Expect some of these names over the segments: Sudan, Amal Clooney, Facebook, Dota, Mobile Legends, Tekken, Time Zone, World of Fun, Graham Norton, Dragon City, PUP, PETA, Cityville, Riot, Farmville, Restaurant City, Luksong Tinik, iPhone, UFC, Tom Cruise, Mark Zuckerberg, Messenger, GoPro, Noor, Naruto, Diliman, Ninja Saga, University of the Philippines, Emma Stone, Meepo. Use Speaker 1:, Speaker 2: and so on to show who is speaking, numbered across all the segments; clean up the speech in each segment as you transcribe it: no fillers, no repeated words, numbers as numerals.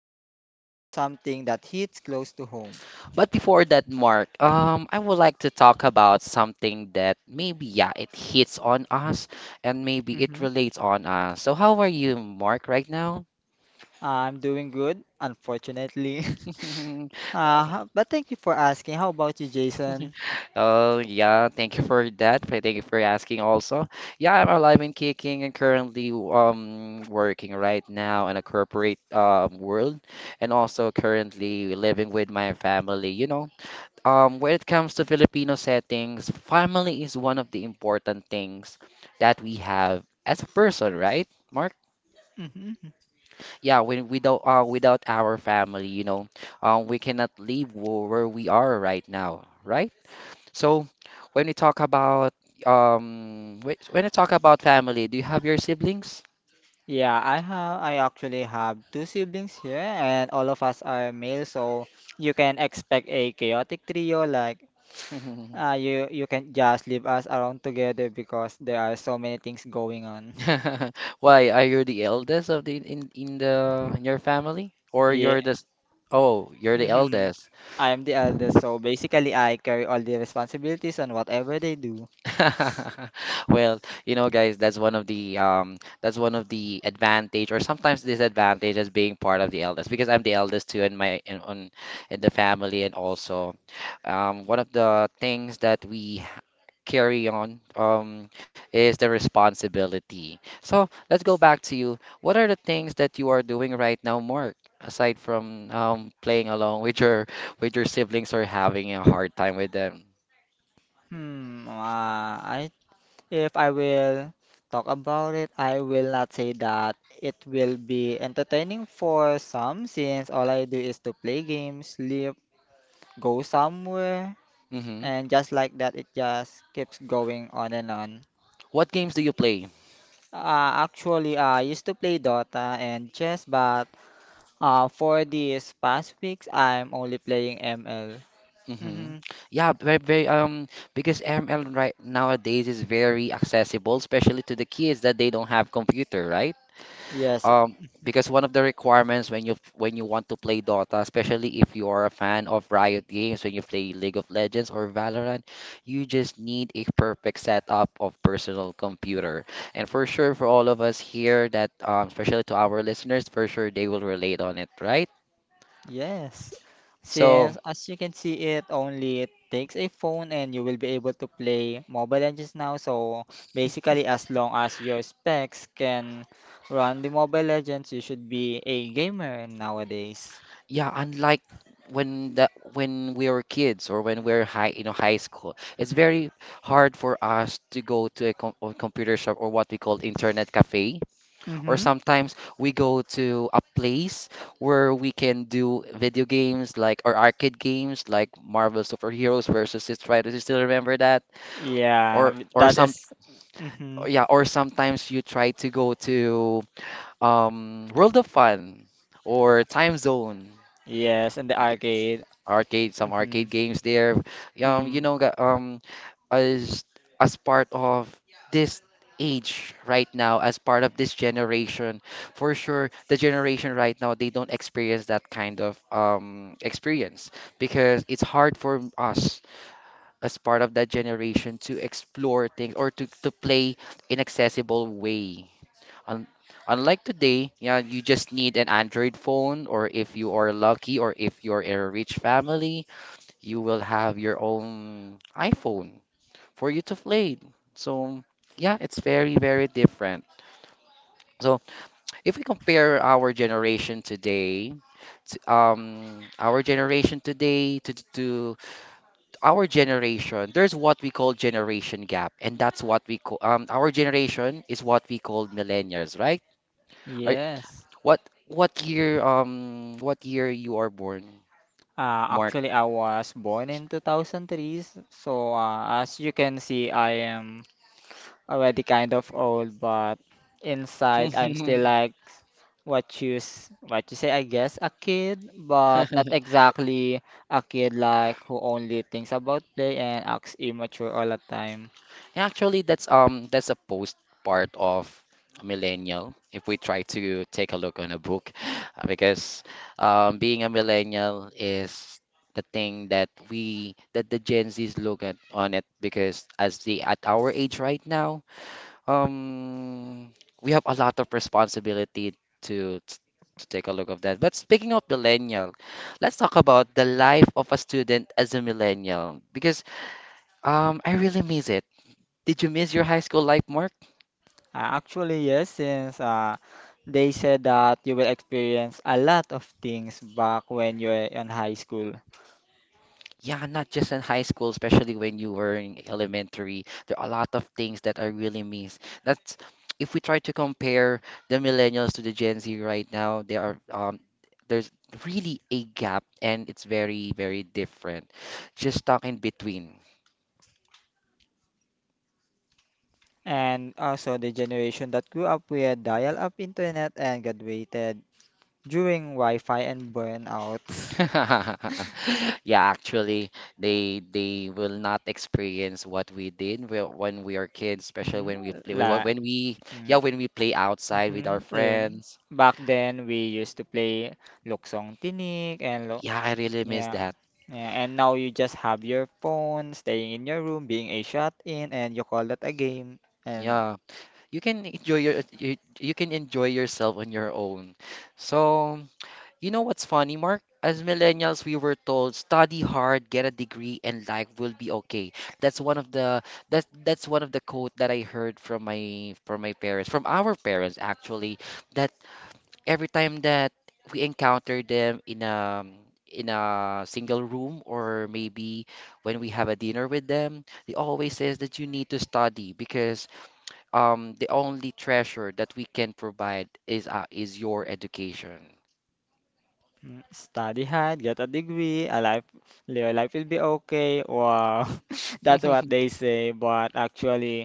Speaker 1: we're talking about something that hits close to home.
Speaker 2: But before that, Mark, I would like to talk about something that maybe, yeah, it hits on us and maybe it
Speaker 1: Hmm
Speaker 2: relates on us. So, how are you, Mark, right now?
Speaker 1: I'm doing good, unfortunately. But thank you for asking. How about you, Jason?
Speaker 2: Oh, yeah, thank you for that. Thank you for asking also. Yeah, I'm alive and kicking and currently working right now in a corporate world and also currently living with my family. When it comes to Filipino settings, family is one of the important things that we have as a person, right, Mark?
Speaker 1: Hmm
Speaker 2: Yeah, when without without our family, we cannot live where we are right now, right? So when we talk about when we talk about family, do you have your siblings?
Speaker 1: Yeah, I actually have two siblings here and all of us are male, so you can expect a chaotic trio like you can just leave us around together because there are so many things going on.
Speaker 2: Why, are you the eldest of the in your family, or
Speaker 1: Yeah.
Speaker 2: you're the oh, you're the
Speaker 1: Mm-hmm.
Speaker 2: eldest?
Speaker 1: I am the eldest, so basically I carry all the responsibilities on whatever they do.
Speaker 2: Well, you know, guys, that's one of the that's one of the advantage or sometimes disadvantage as being part of the eldest because I'm the eldest too in my in on in the family and also one of the things that we carry on is the responsibility. So let's go back to you. What are the things that you are doing right now, Mark, aside from playing along with your siblings or having a hard time with them?
Speaker 1: Hmm, I if I will talk about it, I will not say that it will be entertaining for some, since all I do is to play games, sleep, go somewhere,
Speaker 2: hmm
Speaker 1: and just like that, it just keeps going on and on.
Speaker 2: What games do you play?
Speaker 1: Actually, I used to play Dota and chess, but for these past weeks, I'm only playing ML.
Speaker 2: Mm-hmm. Yeah, very, very, because ML right nowadays is very accessible, especially to the kids that they don't have computer, right?
Speaker 1: Yes,
Speaker 2: Um, because one of the requirements when you want to play Dota, especially if you are a fan of Riot games, when you play League of Legends or Valorant, you just need a perfect setup of personal computer. And for sure, for all of us here, that especially to our listeners, for sure they will relate on it, right?
Speaker 1: yes.
Speaker 2: So.
Speaker 1: Since, as you can see, it only takes a phone and you will be able to play Mobile Legends now. So basically, as long as your specs can run the Mobile Legends, you should be a gamer nowadays.
Speaker 2: Yeah, unlike when we were kids or when we're high, you know, high school, it's very hard for us to go to a, com a computer shop or what we call internet cafe, or
Speaker 1: Mm-hmm.
Speaker 2: sometimes we go to a place where we can do video games like or arcade games like Marvel Superheroes versus Street Fighter. Do you still remember that?
Speaker 1: Yeah,
Speaker 2: Or or
Speaker 1: that
Speaker 2: some
Speaker 1: is. Mm-hmm.
Speaker 2: or yeah, or sometimes you try to go to World of Fun or Time Zone.
Speaker 1: Yes, in the arcade.
Speaker 2: Arcade, some
Speaker 1: Mm-hmm.
Speaker 2: arcade games there. Um, you
Speaker 1: Mm.
Speaker 2: know, ga- um, as as part of this age right now, as part of this generation, for sure, the generation right now they don't experience that kind of experience because it's hard for us as part of that generation to explore things or to play in accessible way. Un- Unlike today, yeah, you just need an Android phone, or if you are lucky, or if you're in a rich family, you will have your own iPhone for you to play. So, yeah, it's very, very different. So, if we compare our generation today, our generation today to our generation, there's what we call generation gap, and that's what we call our generation is what we call millennials, right? Right?
Speaker 1: Yes.
Speaker 2: What what year you are born, Mark?
Speaker 1: Actually, I was born in 2003, so as you can see, I am already kind of old, but inside, I'm still like what you say, I guess, a kid, but not exactly a kid like who only thinks about play and acts immature all the time.
Speaker 2: Actually, that's a post part of a millennial if we try to take a look on a book because being a millennial is the thing that the Gen Z's look at on it because as the at our age right now um we have a lot of responsibility to to take a look of that. But speaking of millennial, let's talk about the life of a student as a millennial because I really miss it. Did you miss your high school life, Mark?
Speaker 1: Actually, yes, since they said that you will experience a lot of things back when you're in high school.
Speaker 2: Yeah, not just in high school, especially when you were in elementary. There are a lot of things that I really miss. That's if we try to compare the millennials to the Gen Z right now, they are there's really a gap, and it's very, very different. Just stuck in between.
Speaker 1: And also the generation that grew up with dial-up internet and graduated during Wi-Fi and burnout.
Speaker 2: Yeah, actually, they will not experience what we did when we are kids, especially
Speaker 1: Mm.
Speaker 2: when we play
Speaker 1: La.
Speaker 2: when we yeah
Speaker 1: Mm-hmm. Mm.
Speaker 2: when we play outside with
Speaker 1: Mhm.
Speaker 2: our friends.
Speaker 1: Back then, we used to play Luksong Tinik and lo
Speaker 2: Yeah, I really miss
Speaker 1: yeah.
Speaker 2: that.
Speaker 1: Yeah, and now you just have your phone, staying in your room, being a shut-in, and you call that a game. And.
Speaker 2: Yeah, you can enjoy you can enjoy yourself on your own. So, you know what's funny, Mark? As millennials, we were told study hard, get a degree, and life will be okay. That's one of the that's one of the quote that I heard from my parents, from our parents actually, that every time that we encounter them in a single room or maybe when we have a dinner with them, they always says that you need to study because the only treasure that we can provide is your education.
Speaker 1: Mm. Study hard, get a degree, your life will be okay. Wow, that's what they say. But actually,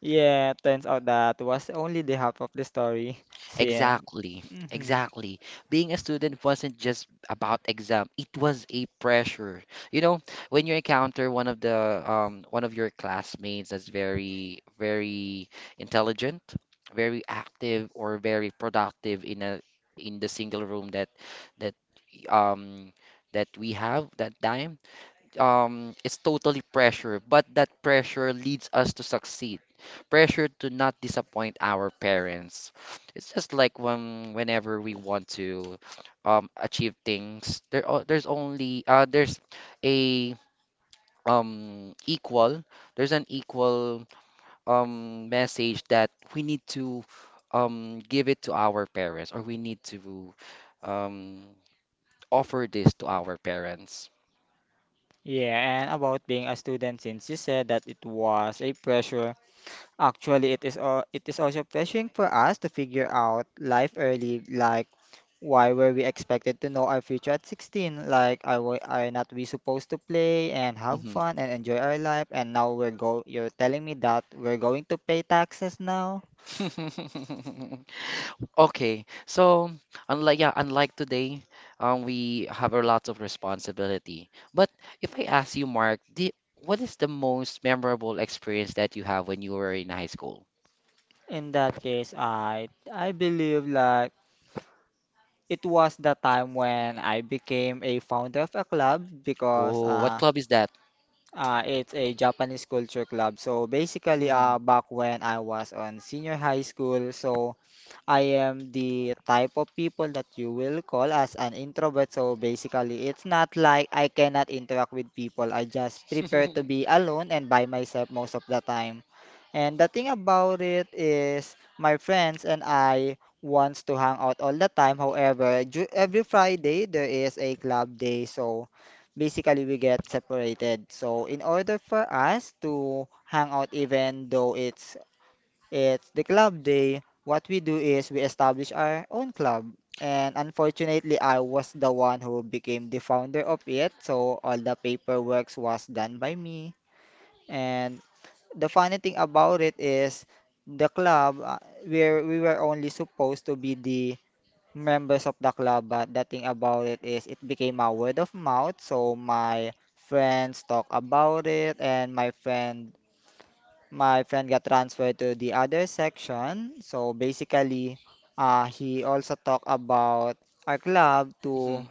Speaker 1: yeah, turns out that was only the half of the story. Since,
Speaker 2: Exactly,
Speaker 1: hmm.
Speaker 2: exactly. Being a student wasn't just about exam, it was a pressure. You know, when you encounter one of the one of your classmates that's very, very intelligent, very active or very productive in a in the single room that um that we have that time it's totally pressure, but that pressure leads us to succeed. Pressure to not disappoint our parents. It's just like when whenever we want to achieve things, there o- there's only there's a equal there's an equal message that we need to give it to our parents or we need to um offer this to our parents.
Speaker 1: Yeah, and about being a student, since you said that it was a pressure. Actually, it is also pressuring for us to figure out life early, like, why were we expected to know our future at 16? Like, are not we supposed to play and have
Speaker 2: Mhm.
Speaker 1: fun and enjoy our life? And now we're go you're telling me that we're going to pay taxes now?
Speaker 2: Okay, so unlike today, we have a lot of responsibility. But if I ask you, Mark, what is the most memorable experience that you have when you were in high school?
Speaker 1: In that case, I believe, like, it was the time when I became a founder of a club because
Speaker 2: Oh, what club is that?
Speaker 1: It's a Japanese culture club. So basically, back when I was on senior high school, so I am the type of people that you will call as an introvert. So basically, it's not like I cannot interact with people. I just prefer to be alone and by myself most of the time. And the thing about it is, my friends and I wants to hang out all the time. However, every Friday there is a club day, so basically we get separated. So, in order for us to hang out even though it's the club day, what we do is we establish our own club. And unfortunately, I was the one who became the founder of it, so all the paperwork was done by me. And the funny thing about it is the club, where we were only supposed to be the members of the club, but the thing about it is it became a word of mouth. So my friends talk about it, and my friend got transferred to the other section. So basically, he also talked about our club
Speaker 2: Mhm.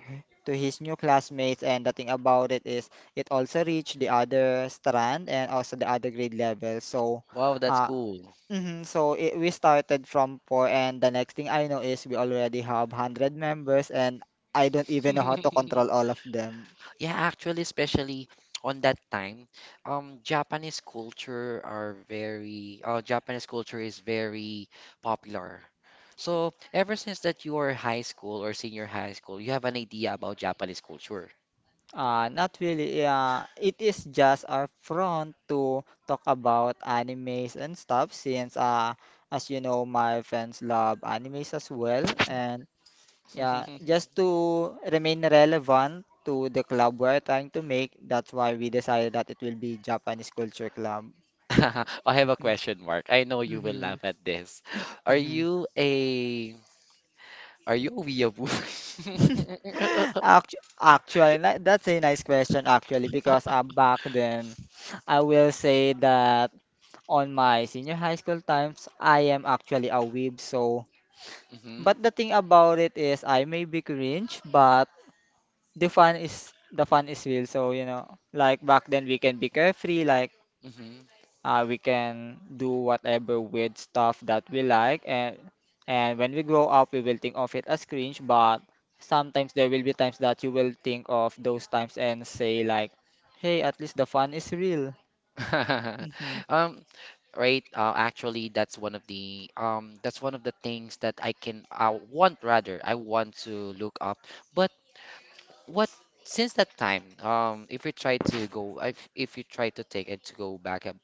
Speaker 1: to his new classmates, and the thing about it is it also reached the other strand and also the other grade level.
Speaker 2: Wow, that's
Speaker 1: Uh,
Speaker 2: cool.
Speaker 1: So we started from four, and the next thing I know is we already have 100 members, and I don't even know how to control all of them.
Speaker 2: Yeah, actually, especially on that time, Japanese culture is very popular. So ever since that you are high school or senior high school, you have an idea about Japanese culture.
Speaker 1: Not really. Yeah, it is just our front to talk about animes and stuff, since as you know, my friends love animes as well, and yeah, just to remain relevant to the club we're trying to make, that's why we decided that it will be Japanese Culture Club.
Speaker 2: I have a question mark. I know you will
Speaker 1: Mm-hmm.
Speaker 2: laugh at this. Are
Speaker 1: Mhm.
Speaker 2: you a, are you a weeaboo?
Speaker 1: Actually, that's a nice question, actually, because back then I will say that on my senior high school times I am actually a weeb, so
Speaker 2: hmm
Speaker 1: but the thing about it is I may be cringe, but the fun is real, so you know, like back then we can be carefree, like.
Speaker 2: hmm
Speaker 1: We can do whatever weird stuff that we like, and when we grow up, we will think of it as cringe. But sometimes there will be times that you will think of those times and say like, "Hey, at least the fun is real." Mhm.
Speaker 2: Um, right. Actually, that's one of the that's one of the things that I can I want rather I want to look up. But what since that time, if we try to go, if you try to take it to go back up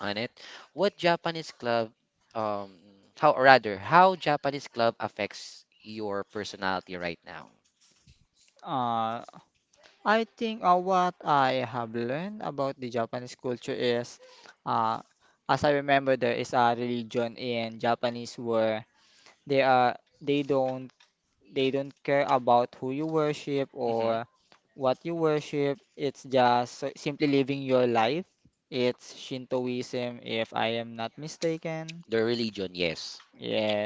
Speaker 2: on it, what Japanese club, um, how or rather how Japanese club affects your personality right now?
Speaker 1: Uh, I think, what I have learned about the Japanese culture is, uh, as I remember, there is a religion in Japanese where they are they don't They don't care about who you worship
Speaker 2: Mm-hmm.
Speaker 1: or what you worship. It's just simply living your life. It's Shintoism, if I am not mistaken.
Speaker 2: The religion, yes,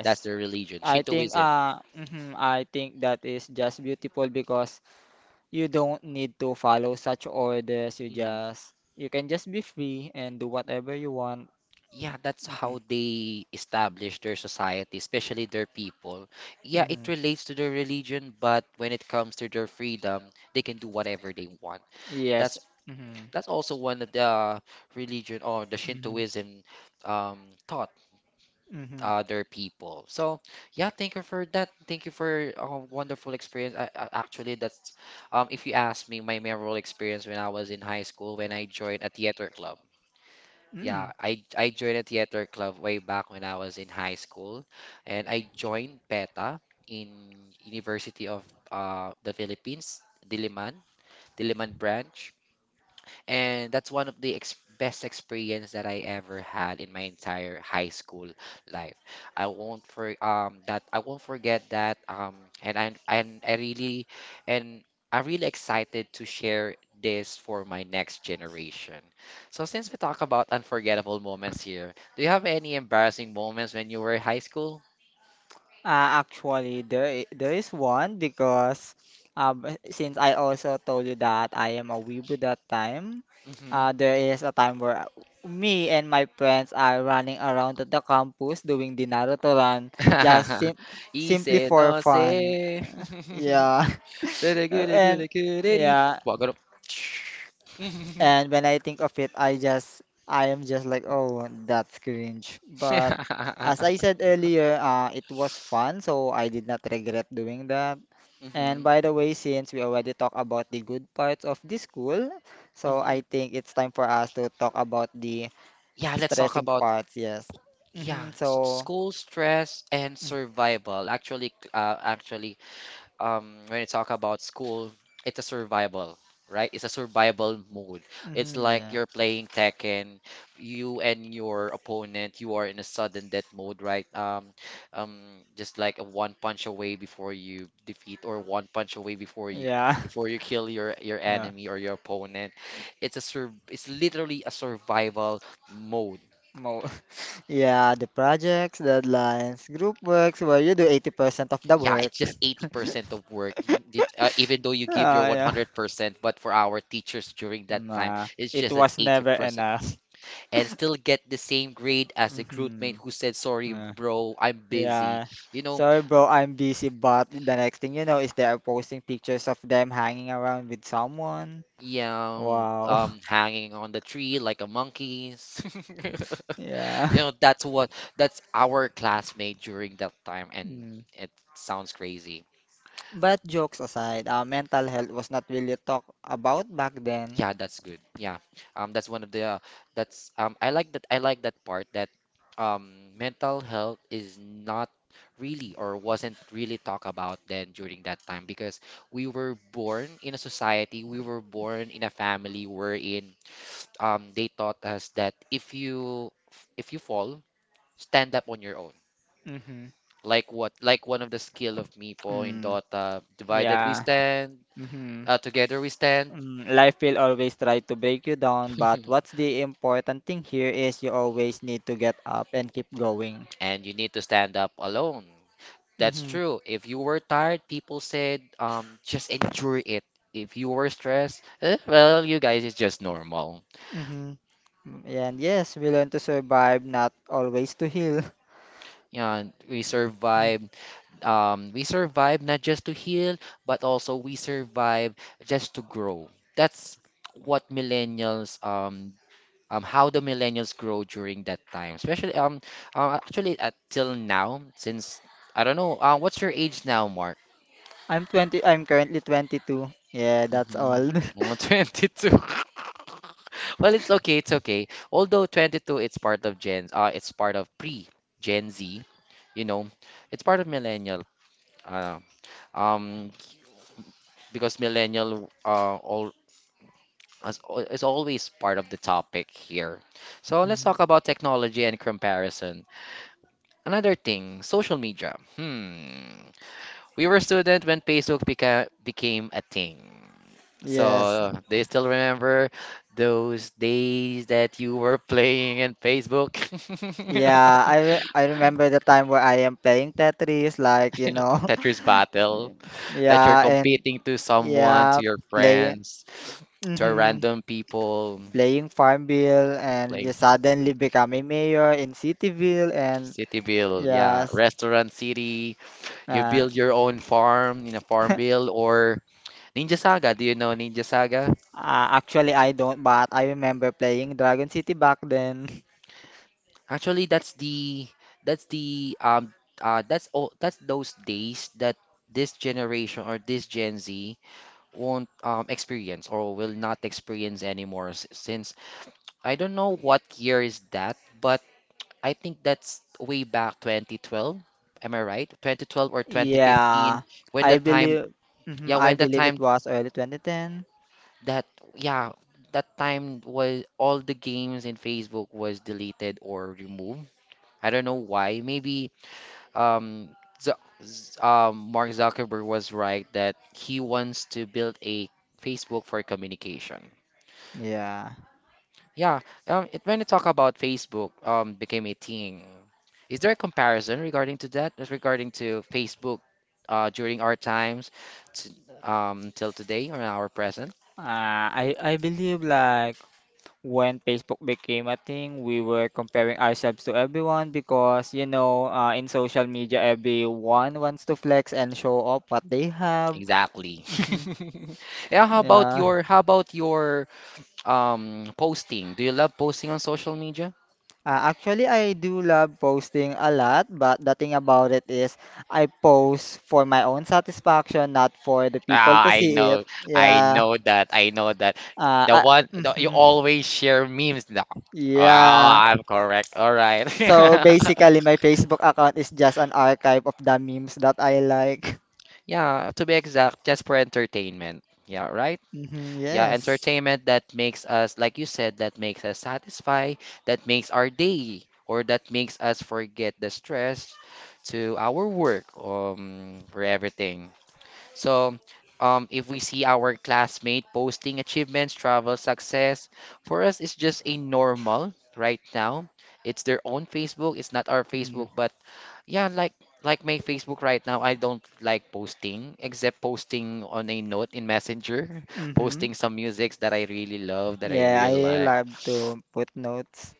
Speaker 2: that's the religion,
Speaker 1: I think
Speaker 2: Shintoism.
Speaker 1: uh mhm, I think that is just beautiful because you don't need to follow such orders. You can just be free and do whatever you want.
Speaker 2: Yeah, that's
Speaker 1: Hmm.
Speaker 2: how they establish their society, especially their people. Yeah,
Speaker 1: Hmm.
Speaker 2: it relates to their religion, but when it comes to their freedom, they can do whatever they want.
Speaker 1: Yes.
Speaker 2: That's
Speaker 1: Hmm.
Speaker 2: that's also one of the religion or the
Speaker 1: Hmm.
Speaker 2: Shintoism taught
Speaker 1: Hmm.
Speaker 2: their people. So yeah, thank you for that. Thank you for a wonderful experience. Actually, that's if you ask me, my memorable experience when I was in high school when I joined a theater club.
Speaker 1: Mm.
Speaker 2: Yeah, I joined a theater club way back when I was in high school, and I joined PETA in University of the Philippines, Diliman, Diliman branch, and that's one of the best experience that I ever had in my entire high school life. I won't forget that and I and I really and I'm really excited to share this for my next generation. So since we talk about unforgettable moments here, do you have any embarrassing moments when you were in high school?
Speaker 1: Actually, there there is one because, since I also told you that I am a weebo that time,
Speaker 2: Mm-hmm.
Speaker 1: there is a time where me and my friends are running around to the campus doing the Naruto run, just sim simply
Speaker 2: Easy,
Speaker 1: for
Speaker 2: no
Speaker 1: fun.
Speaker 2: say.
Speaker 1: Yeah.
Speaker 2: Goody, goody,
Speaker 1: And
Speaker 2: goody, goody.
Speaker 1: yeah,
Speaker 2: Walk it up.
Speaker 1: and when I think of it, I am just like, oh, that's cringe. But as I said earlier, it was fun, so I did not regret doing that. And
Speaker 2: hmm
Speaker 1: by the way, since we already talked about the good parts of the school, so I
Speaker 2: hmm
Speaker 1: think it's time for us to talk about the
Speaker 2: Yeah, let's talk
Speaker 1: stressing
Speaker 2: about
Speaker 1: parts, yes.
Speaker 2: yeah,
Speaker 1: Hmm. So,
Speaker 2: school stress and survival. Actually, actually, when you talk about school, it's a survival, right? It's a survival mode.
Speaker 1: mm,
Speaker 2: It's
Speaker 1: mhm,
Speaker 2: like
Speaker 1: yeah.
Speaker 2: you're playing Tekken, you and your opponent, you are in a sudden death mode, right? Um, just like a one punch away before you defeat, or one punch away before
Speaker 1: Yeah.
Speaker 2: you kill your enemy or your opponent. It's literally a survival mode.
Speaker 1: Mo Yeah, the projects, deadlines, group works where you do 80% of the
Speaker 2: Yeah,
Speaker 1: work.
Speaker 2: it's just 80% of work. You, did, even though you give your
Speaker 1: Ah, yeah.
Speaker 2: 100%, but for our teachers during that time,
Speaker 1: Nah,
Speaker 2: it's
Speaker 1: it
Speaker 2: just an
Speaker 1: was never
Speaker 2: 80%.
Speaker 1: enough.
Speaker 2: And still get the same grade as a group mate
Speaker 1: Mhm.
Speaker 2: who said, "Sorry,
Speaker 1: Yeah.
Speaker 2: bro, I'm
Speaker 1: Yeah.
Speaker 2: busy." You know,
Speaker 1: Sorry, bro, I'm busy, but the next thing you know is they are posting pictures of them hanging around with someone.
Speaker 2: yeah,
Speaker 1: Wow.
Speaker 2: hanging on the tree like a monkey.
Speaker 1: Yeah.
Speaker 2: You know, that's what, that's our classmate during that time. And it sounds crazy.
Speaker 1: But jokes aside, mental health was not really talked about back then.
Speaker 2: Yeah, that's good. Yeah. That's one of the that's I like that part that mental health is not really or wasn't really talked about then during that time because we were born in a society, we were born in a family wherein they taught us that if you fall, stand up on your own.
Speaker 1: Mm-hmm.
Speaker 2: Like one of the skill of Meepo in
Speaker 1: Mm.
Speaker 2: Dota, divided we
Speaker 1: Yeah.
Speaker 2: stand,
Speaker 1: Mm-hmm.
Speaker 2: together we stand.
Speaker 1: Life will always try to break you down, but what's the important thing here is you always need to get up and keep going.
Speaker 2: And you need to stand up alone. That's
Speaker 1: Mm-hmm.
Speaker 2: true. If you were tired, people said, just endure it. If you were stressed, well, you guys, it's just normal.
Speaker 1: Mm-hmm. Mm. And yes, we learn to survive, not always to heal.
Speaker 2: Yeah, we
Speaker 1: Mm.
Speaker 2: survived. We survived not just to heal, but also we survived just to grow. That's what how the millennials grow during that time, especially actually till now, since I don't know, what's your age now, Mark?
Speaker 1: I'm 20, I'm currently 22. Yeah, that's
Speaker 2: Mhm.
Speaker 1: all.
Speaker 2: Oh, 22. Well, it's okay, it's okay. Although 22, it's part of pre Gen Z, you know, it's part of millennial. Uh, um, because millennial all is always part of the topic here. So
Speaker 1: Hmm.
Speaker 2: let's talk about technology and comparison. Another thing, social media. Hmm. We were students when Facebook became a thing.
Speaker 1: Yes.
Speaker 2: So, do you still remember those days that you were playing in Facebook?
Speaker 1: Yeah, I remember the time where I am playing Tetris, like.
Speaker 2: Tetris battle, that you're
Speaker 1: Yeah, and
Speaker 2: competing to someone,
Speaker 1: yeah,
Speaker 2: to your
Speaker 1: playing
Speaker 2: friends, to a
Speaker 1: hmm
Speaker 2: random people,
Speaker 1: playing Farmville and
Speaker 2: playing
Speaker 1: you suddenly become a mayor in Cityville and
Speaker 2: Cityville, yeah,
Speaker 1: yes.
Speaker 2: Restaurant City. You
Speaker 1: uh,
Speaker 2: build your own farm in a farm
Speaker 1: uh,
Speaker 2: bill or Ninja Saga. Do you know Ninja Saga?
Speaker 1: actually, I don't, but I remember playing Dragon City back then.
Speaker 2: Actually, that's the um that's those days that this generation or this Gen Z won't experience or will not experience anymore since I don't know what year is that, but I think that's way back 2012. Am I right? 2012 or
Speaker 1: Yeah,
Speaker 2: 2015 when the
Speaker 1: I
Speaker 2: time
Speaker 1: believe mhm,
Speaker 2: yeah,
Speaker 1: I
Speaker 2: when the
Speaker 1: believe it
Speaker 2: time
Speaker 1: was early 2010.
Speaker 2: that yeah, that time was all the games in Facebook was deleted or removed. I don't know why. Maybe um, Z Mark Zuckerberg was right that he wants to build a Facebook for communication.
Speaker 1: Yeah.
Speaker 2: Yeah, when you talk about Facebook, became a thing. Is there a comparison regarding to that, as regarding to Facebook, during our times, t till today or our present?
Speaker 1: I believe, like, when Facebook became a thing, we were comparing ourselves to everyone because in social media, everyone wants to flex and show off what they have.
Speaker 2: Exactly.
Speaker 1: Mhm.
Speaker 2: Yeah,
Speaker 1: Yeah.
Speaker 2: how about your posting? Do you love posting on social media?
Speaker 1: Actually, I do love posting a lot, but the thing about it is I post for my own satisfaction, not for the people
Speaker 2: Ah,
Speaker 1: to see it.
Speaker 2: I
Speaker 1: Yeah.
Speaker 2: know that, I know that.
Speaker 1: Uh, I,
Speaker 2: You
Speaker 1: mhm.
Speaker 2: always share memes now. Oh,
Speaker 1: Yeah.
Speaker 2: I'm correct. All right.
Speaker 1: So basically, my Facebook account is just an archive of the memes that I like.
Speaker 2: Yeah, to be exact, just for entertainment. Yeah, right?
Speaker 1: Hmm.
Speaker 2: Yeah,
Speaker 1: Yes.
Speaker 2: entertainment that makes us, like you said, that makes us satisfy, that makes our day, or that makes us forget the stress to our work, for everything. So, if we see our classmate posting achievements, travel, success, for us, it's just a normal right now. It's their own Facebook. It's not our
Speaker 1: Mm-hmm.
Speaker 2: Facebook, but yeah, like my Facebook right now, I don't like posting except posting on a note in Messenger,
Speaker 1: Mm-hmm.
Speaker 2: posting some musics that I really love, that I
Speaker 1: Yeah,
Speaker 2: really
Speaker 1: I
Speaker 2: like.
Speaker 1: love to put notes.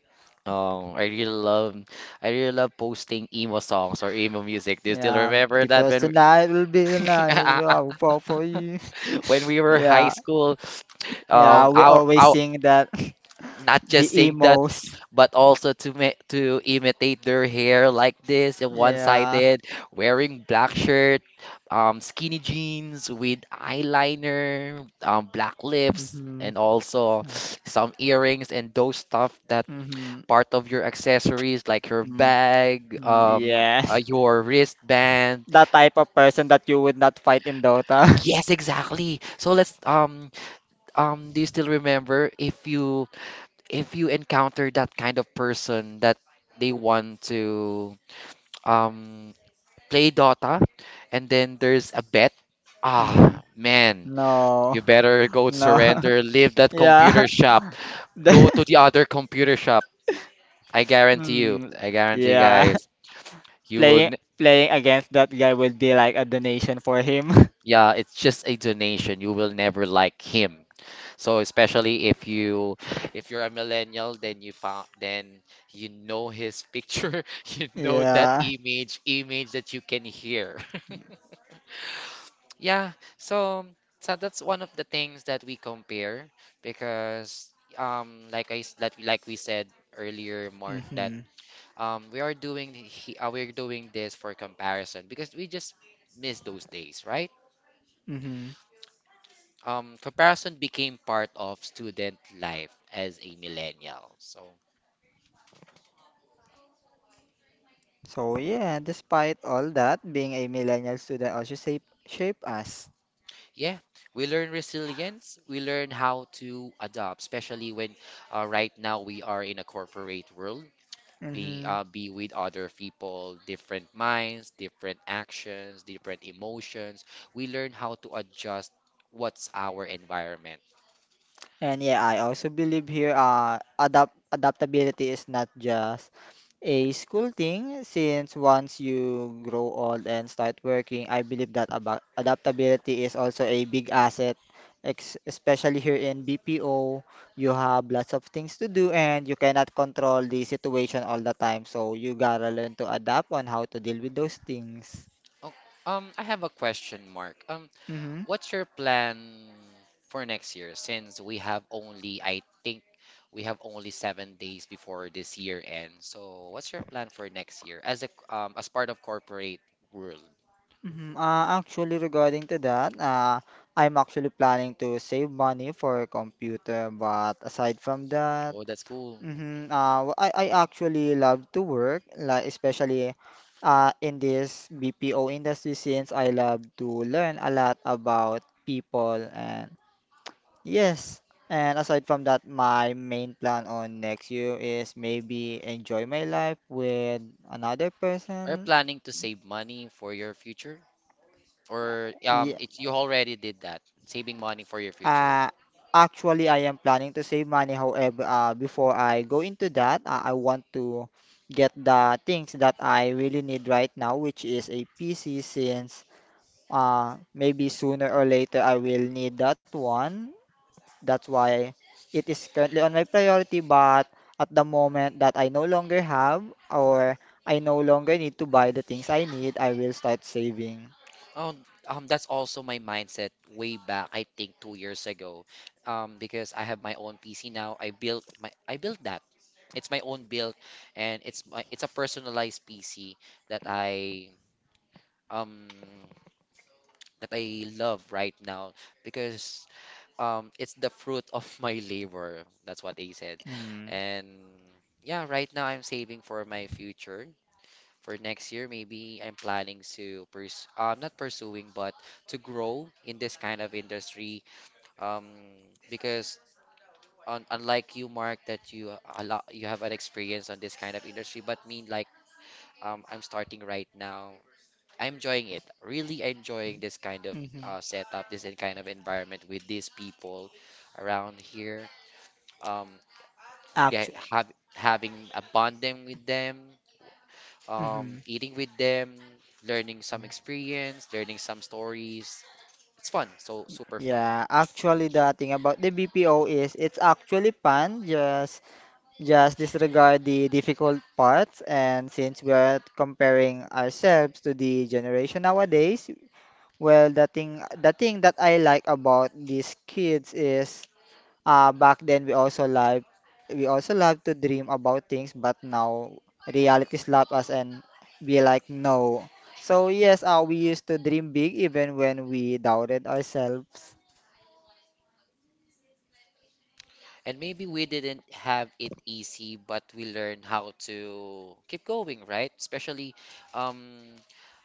Speaker 2: Oh, I really love posting emo songs or emo music. Do you still
Speaker 1: Yeah,
Speaker 2: remember that
Speaker 1: because
Speaker 2: we...
Speaker 1: tonight will be the night that I will fall for you.
Speaker 2: when we were high
Speaker 1: Yeah,
Speaker 2: school,
Speaker 1: yeah, we always
Speaker 2: our
Speaker 1: sing that.
Speaker 2: not
Speaker 1: The
Speaker 2: just saying that,
Speaker 1: emos.
Speaker 2: but also to to imitate their hair like this and
Speaker 1: Yeah.
Speaker 2: one-sided, wearing black shirt, skinny jeans with eyeliner, black lips,
Speaker 1: Mm-hmm.
Speaker 2: and also some earrings and those stuff that
Speaker 1: Mm-hmm.
Speaker 2: part of your accessories like your
Speaker 1: Mm.
Speaker 2: bag,
Speaker 1: Mm. Yeah,
Speaker 2: your wristband.
Speaker 1: that type of person that you would not fight in Dota.
Speaker 2: Yes, exactly, so let's do you still remember if you encounter that kind of person that they want to um play Dota and then there's a bet?
Speaker 1: Mm-hmm.
Speaker 2: Ah, man,
Speaker 1: No,
Speaker 2: you better go
Speaker 1: no.
Speaker 2: surrender, leave that
Speaker 1: Yeah.
Speaker 2: computer shop, go to
Speaker 1: The-
Speaker 2: the other computer shop.
Speaker 1: Mm,
Speaker 2: I guarantee you
Speaker 1: yeah.
Speaker 2: guys, you will
Speaker 1: Playing
Speaker 2: n
Speaker 1: playing against that guy would be like a donation for him.
Speaker 2: yeah, it's just a donation. You will never like him. So especially if you're a millennial, then you found then you know his picture, you know that
Speaker 1: Yeah.
Speaker 2: image that you can hear. Yeah, so that's one of the things that we compare because like we said earlier, Mark, that
Speaker 1: Mm-hmm.
Speaker 2: we're doing this for comparison because we just miss those days, right?
Speaker 1: Mm-hmm.
Speaker 2: Comparison became part of student life as a millennial. So.
Speaker 1: So yeah, despite all that, being a millennial student also shape us.
Speaker 2: Yeah, we learn resilience. We learn how to adapt, especially when right now we are in a corporate world, being
Speaker 1: Mm-hmm.
Speaker 2: be with other people, different minds, different actions, different emotions. We learn how to adjust what's our environment.
Speaker 1: And yeah, I also believe here adaptability is not just a school thing, since once you grow old and start working, I believe that about adaptability is also a big asset, ex especially here in BPO. You have lots of things to do and you cannot control the situation all the time, so you gotta learn to adapt on how to deal with those things.
Speaker 2: Oh, I have a question, Mark. What's your plan for next year since we have only, I think we have only 7 days before this year ends. So what's your plan for next year as part of corporate world?
Speaker 1: Mhm, actually, regarding to that, I'm actually planning to save money for a computer, but aside from that.
Speaker 2: Oh, that's cool.
Speaker 1: Mm-hmm. I actually love to work, like especially in this BPO industry since I love to learn a lot about people and yes. And aside from that, my main plan on next year is maybe enjoy my life with another
Speaker 2: Are you
Speaker 1: person.
Speaker 2: planning to save money for your future? Or
Speaker 1: Yeah.
Speaker 2: it you already did that, saving money for your future.
Speaker 1: Uh, actually, I am planning to save money. However, before I go into that, I want to get the things that I really need right now, which is a PC, since maybe sooner or later I will need that one. That's why it is currently on my priority, but at the moment that I no longer have or I no longer need to buy the things I need, I will start saving.
Speaker 2: Oh, that's also my mindset way back, I think 2 years ago. Because I have my own PC now. I built that. It's my own build, and it's a personalized PC that I um that I love right now because it's the fruit of my labor. That's what they said,
Speaker 1: Mm.
Speaker 2: and yeah, right now I'm saving for my future. For next year, maybe I'm planning to pers not pursuing, but to grow in this kind of industry. Um, because un unlike you, Mark, that you a lot you have an experience on this kind of industry, but me, I'm starting right now. I'm enjoying it. Really enjoying this kind of
Speaker 1: Mm-hmm.
Speaker 2: setup, this kind of environment with these people around here. Um, get,
Speaker 1: Actu-
Speaker 2: have, having a bonding with them,
Speaker 1: mhm.
Speaker 2: eating with them, learning some experience, learning some stories. It's fun, so super fun.
Speaker 1: Yeah, actually the thing about the BPO is it's actually fun, just disregard the difficult parts, and since we're comparing ourselves to the generation nowadays, well, the thing that I like about these kids is back then we also love to dream about things, but now reality slap us and be like no. So yes, we used to dream big even when we doubted ourselves.
Speaker 2: And maybe we didn't have it easy, but we learned how to keep going, right? Especially um,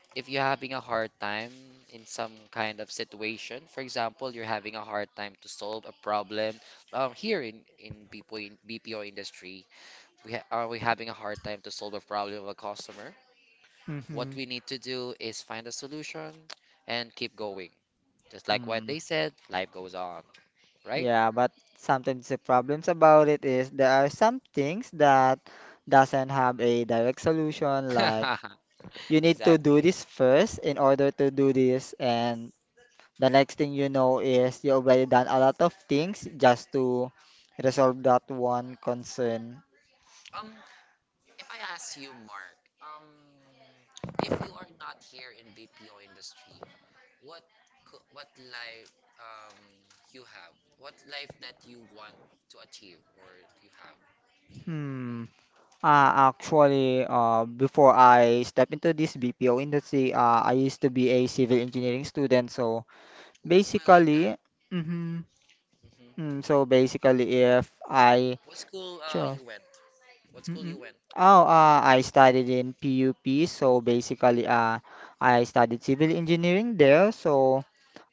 Speaker 2: if you're having a hard time in some kind of situation, for example, you're having a hard time to solve a problem. Here in BPO, in BPO industry, we ha are we having a hard time to solve a problem of a customer? What
Speaker 1: Hmm.
Speaker 2: we need to do is find a solution and keep going. Just like what
Speaker 1: Mm,
Speaker 2: they said, life goes on, right?
Speaker 1: yeah, but sometimes the problems about it is there are some things that doesn't have a direct solution, like you need to do
Speaker 2: Exactly.
Speaker 1: this first in order to do this, and the next thing you know is you already done a lot of things just to resolve that one concern.
Speaker 2: Um, if I ask you, Mark, if you are not here in BPO industry, What what life you have? What life that you want to achieve or you have?
Speaker 1: Hmm. Before I step into this BPO industry, I used to be a civil engineering student. So
Speaker 2: Oh, I love that.
Speaker 1: basically, mm-hmm,
Speaker 2: hmm
Speaker 1: mm, so basically, if I
Speaker 2: What school uh you
Speaker 1: chose,
Speaker 2: went? What school you
Speaker 1: mm-mm.
Speaker 2: went?
Speaker 1: Oh, I studied in PUP. So basically, I studied civil engineering there. So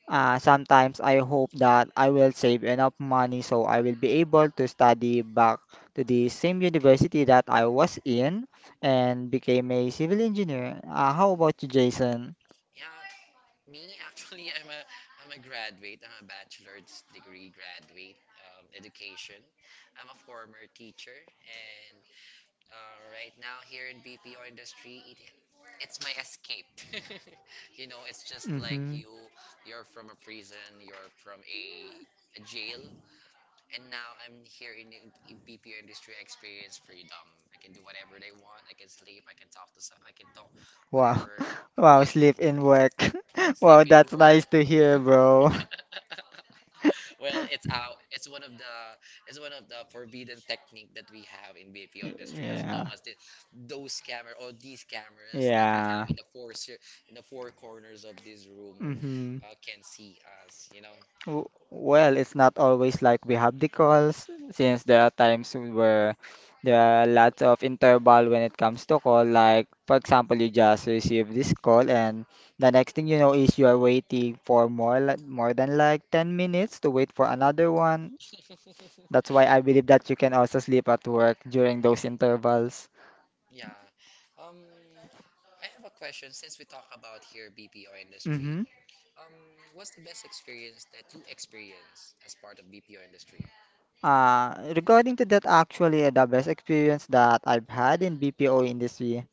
Speaker 1: Sometimes I hope that I will save enough money so I will be able to study back to the same university that I was in and became a civil engineer. How about you, Jason?
Speaker 2: Yeah, me actually, I'm a graduate. I'm a bachelor's degree graduate education. I'm a former teacher, and right now here in BPO industry, it's my escape. It's just like
Speaker 1: Hmm.
Speaker 2: you're from a prison, you're from a jail, and now I'm here in the BPO industry. I experience freedom. I can do whatever they want. I can sleep. I can talk to some. I can talk
Speaker 1: Wow.
Speaker 2: whatever.
Speaker 1: Wow,
Speaker 2: What?
Speaker 1: sleep in work.
Speaker 2: Sleep
Speaker 1: Wow,
Speaker 2: in
Speaker 1: that's nice
Speaker 2: work.
Speaker 1: to hear, bro.
Speaker 2: Well, it's out. It's one of the forbidden technique that we have in BPO industry. As long
Speaker 1: Yeah.
Speaker 2: as those camera or these cameras that we have
Speaker 1: Yeah.
Speaker 2: in in the four corners of this room
Speaker 1: Mm-hmm.
Speaker 2: can see us.
Speaker 1: W- Well, it's not always like we have the calls, since there are times where there are lots of interval when it comes to call. Like, for example, you just receive this call, and the next thing you know is you are waiting for more than like 10 minutes to wait for another one. That's why I believe that you can also sleep at work during those intervals.
Speaker 2: Yeah. Um, I have a question. Since we talk about here BPO industry,
Speaker 1: Mm-hmm.
Speaker 2: um, what's the best experience that you experience as part of BPO industry?
Speaker 1: Regarding to that, actually, the best experience that I've had in BPO industry,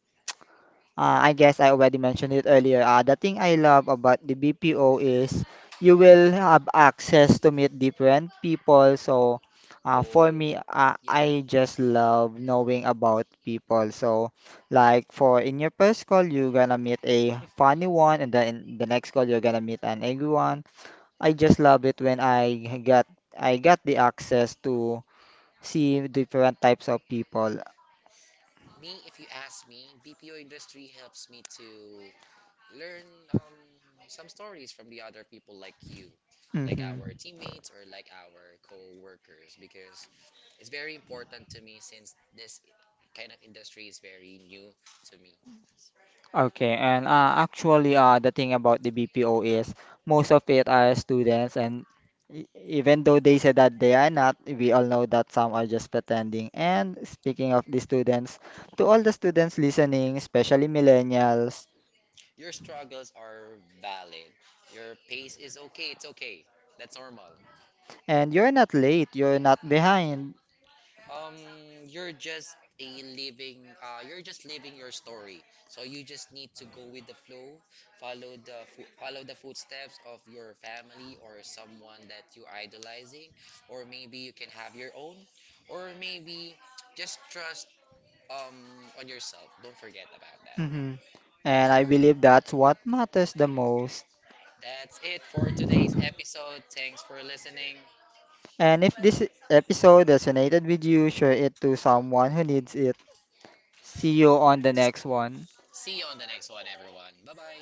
Speaker 1: I guess I already mentioned it earlier. The thing I love about the BPO is you will have access to meet different people. So,
Speaker 2: Oh,
Speaker 1: for me,
Speaker 2: yeah.
Speaker 1: I just love knowing about people. So, like for in your first call, you're gonna meet a funny one, and then in the next call, you're gonna meet an angry one. I just love it when I got the access to see different types of people.
Speaker 2: Me, if you ask me, BPO industry helps me to learn some stories from the other people like you, like
Speaker 1: Hmm.
Speaker 2: our teammates or like our co-workers, because it's very important to me since this kind of industry is very new to me.
Speaker 1: Okay, and the thing about the BPO is most of it are students, and even though they say that they are not, we all know that some are just pretending. And speaking of the students, to all the students listening, especially millennials,
Speaker 2: Your struggles are valid. Your pace is okay, it's okay. That's normal.
Speaker 1: and you're not late, you're not behind.
Speaker 2: Um, you're just a living, you're just living your story. So you just need to go with the flow, follow the footsteps of your family or someone that you idolizing, or maybe you can have your own, or maybe just trust um on yourself. Don't forget about that.
Speaker 1: Hmm. And I believe that's what matters the most.
Speaker 2: That's it for today's episode. Thanks for listening.
Speaker 1: And if this episode resonated with you, share it to someone who needs it. See you on the next one.
Speaker 2: See you on the next one, everyone. Bye bye.